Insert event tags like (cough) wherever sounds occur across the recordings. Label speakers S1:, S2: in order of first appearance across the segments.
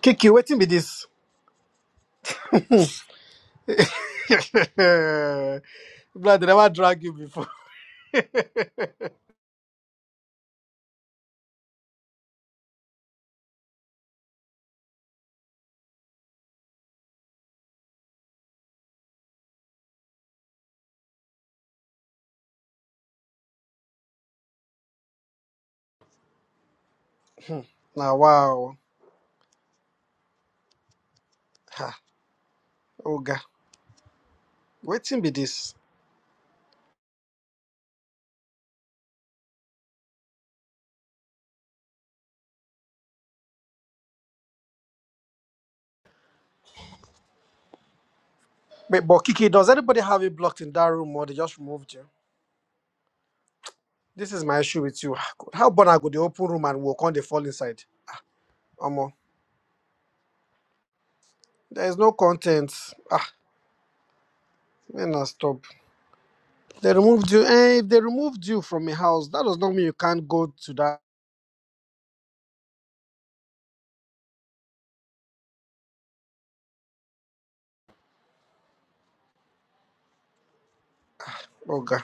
S1: Kiki, waiting be this. Hmm. (laughs) Blood, they never drag you before. Now, wow. Ha. Oga, waiting be this. Wait, but Kiki, does anybody have you blocked in that room or they just removed you? This is my issue with you. Ah, God. How born I go the open room and walk on the fall inside? Omo, there is no content. Ah, when I stop. They removed you. Eh, if they removed you from a house, that does not mean you can't go to that. Oga.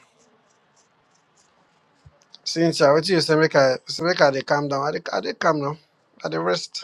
S1: Since I wait till you say make I say make I they calm down. I they, I they calm now? I they rest.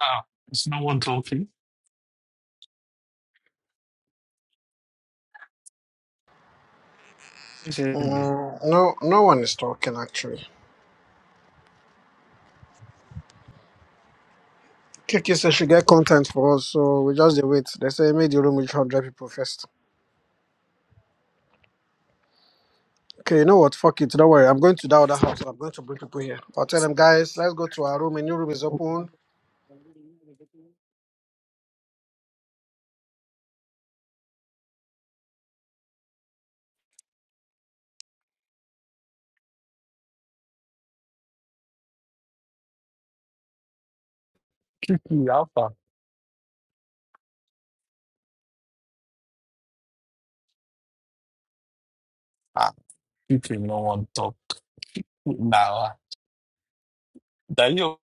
S2: Oh, there's no one talking. Is it?
S1: Mm, no, no one is talking actually. Kiki said she get content for us, so we just dey wait. They say make the room reach hundred people first. Okay, you know what? Fuck it. Don't worry. I'm going to that other house. I'm going to bring people here. I'll tell them guys, let's go to our room. A new room is open.
S2: Kiki Alpha. Ah, Kiki, no one talked. Now, Daniel,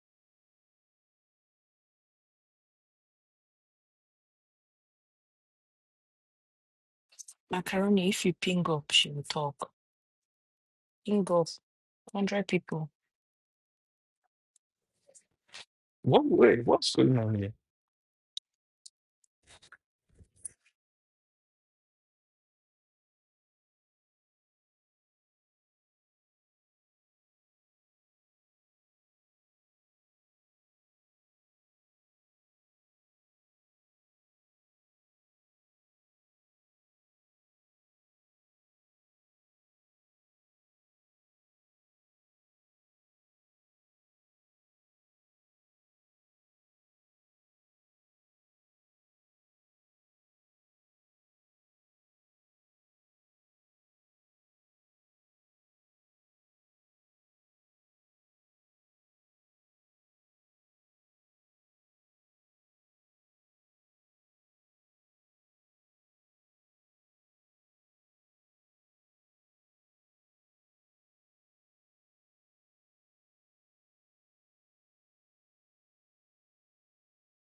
S3: Macaroni, if you ping up, she will talk. Ping up, 100 people.
S2: what, wait, what's going on here?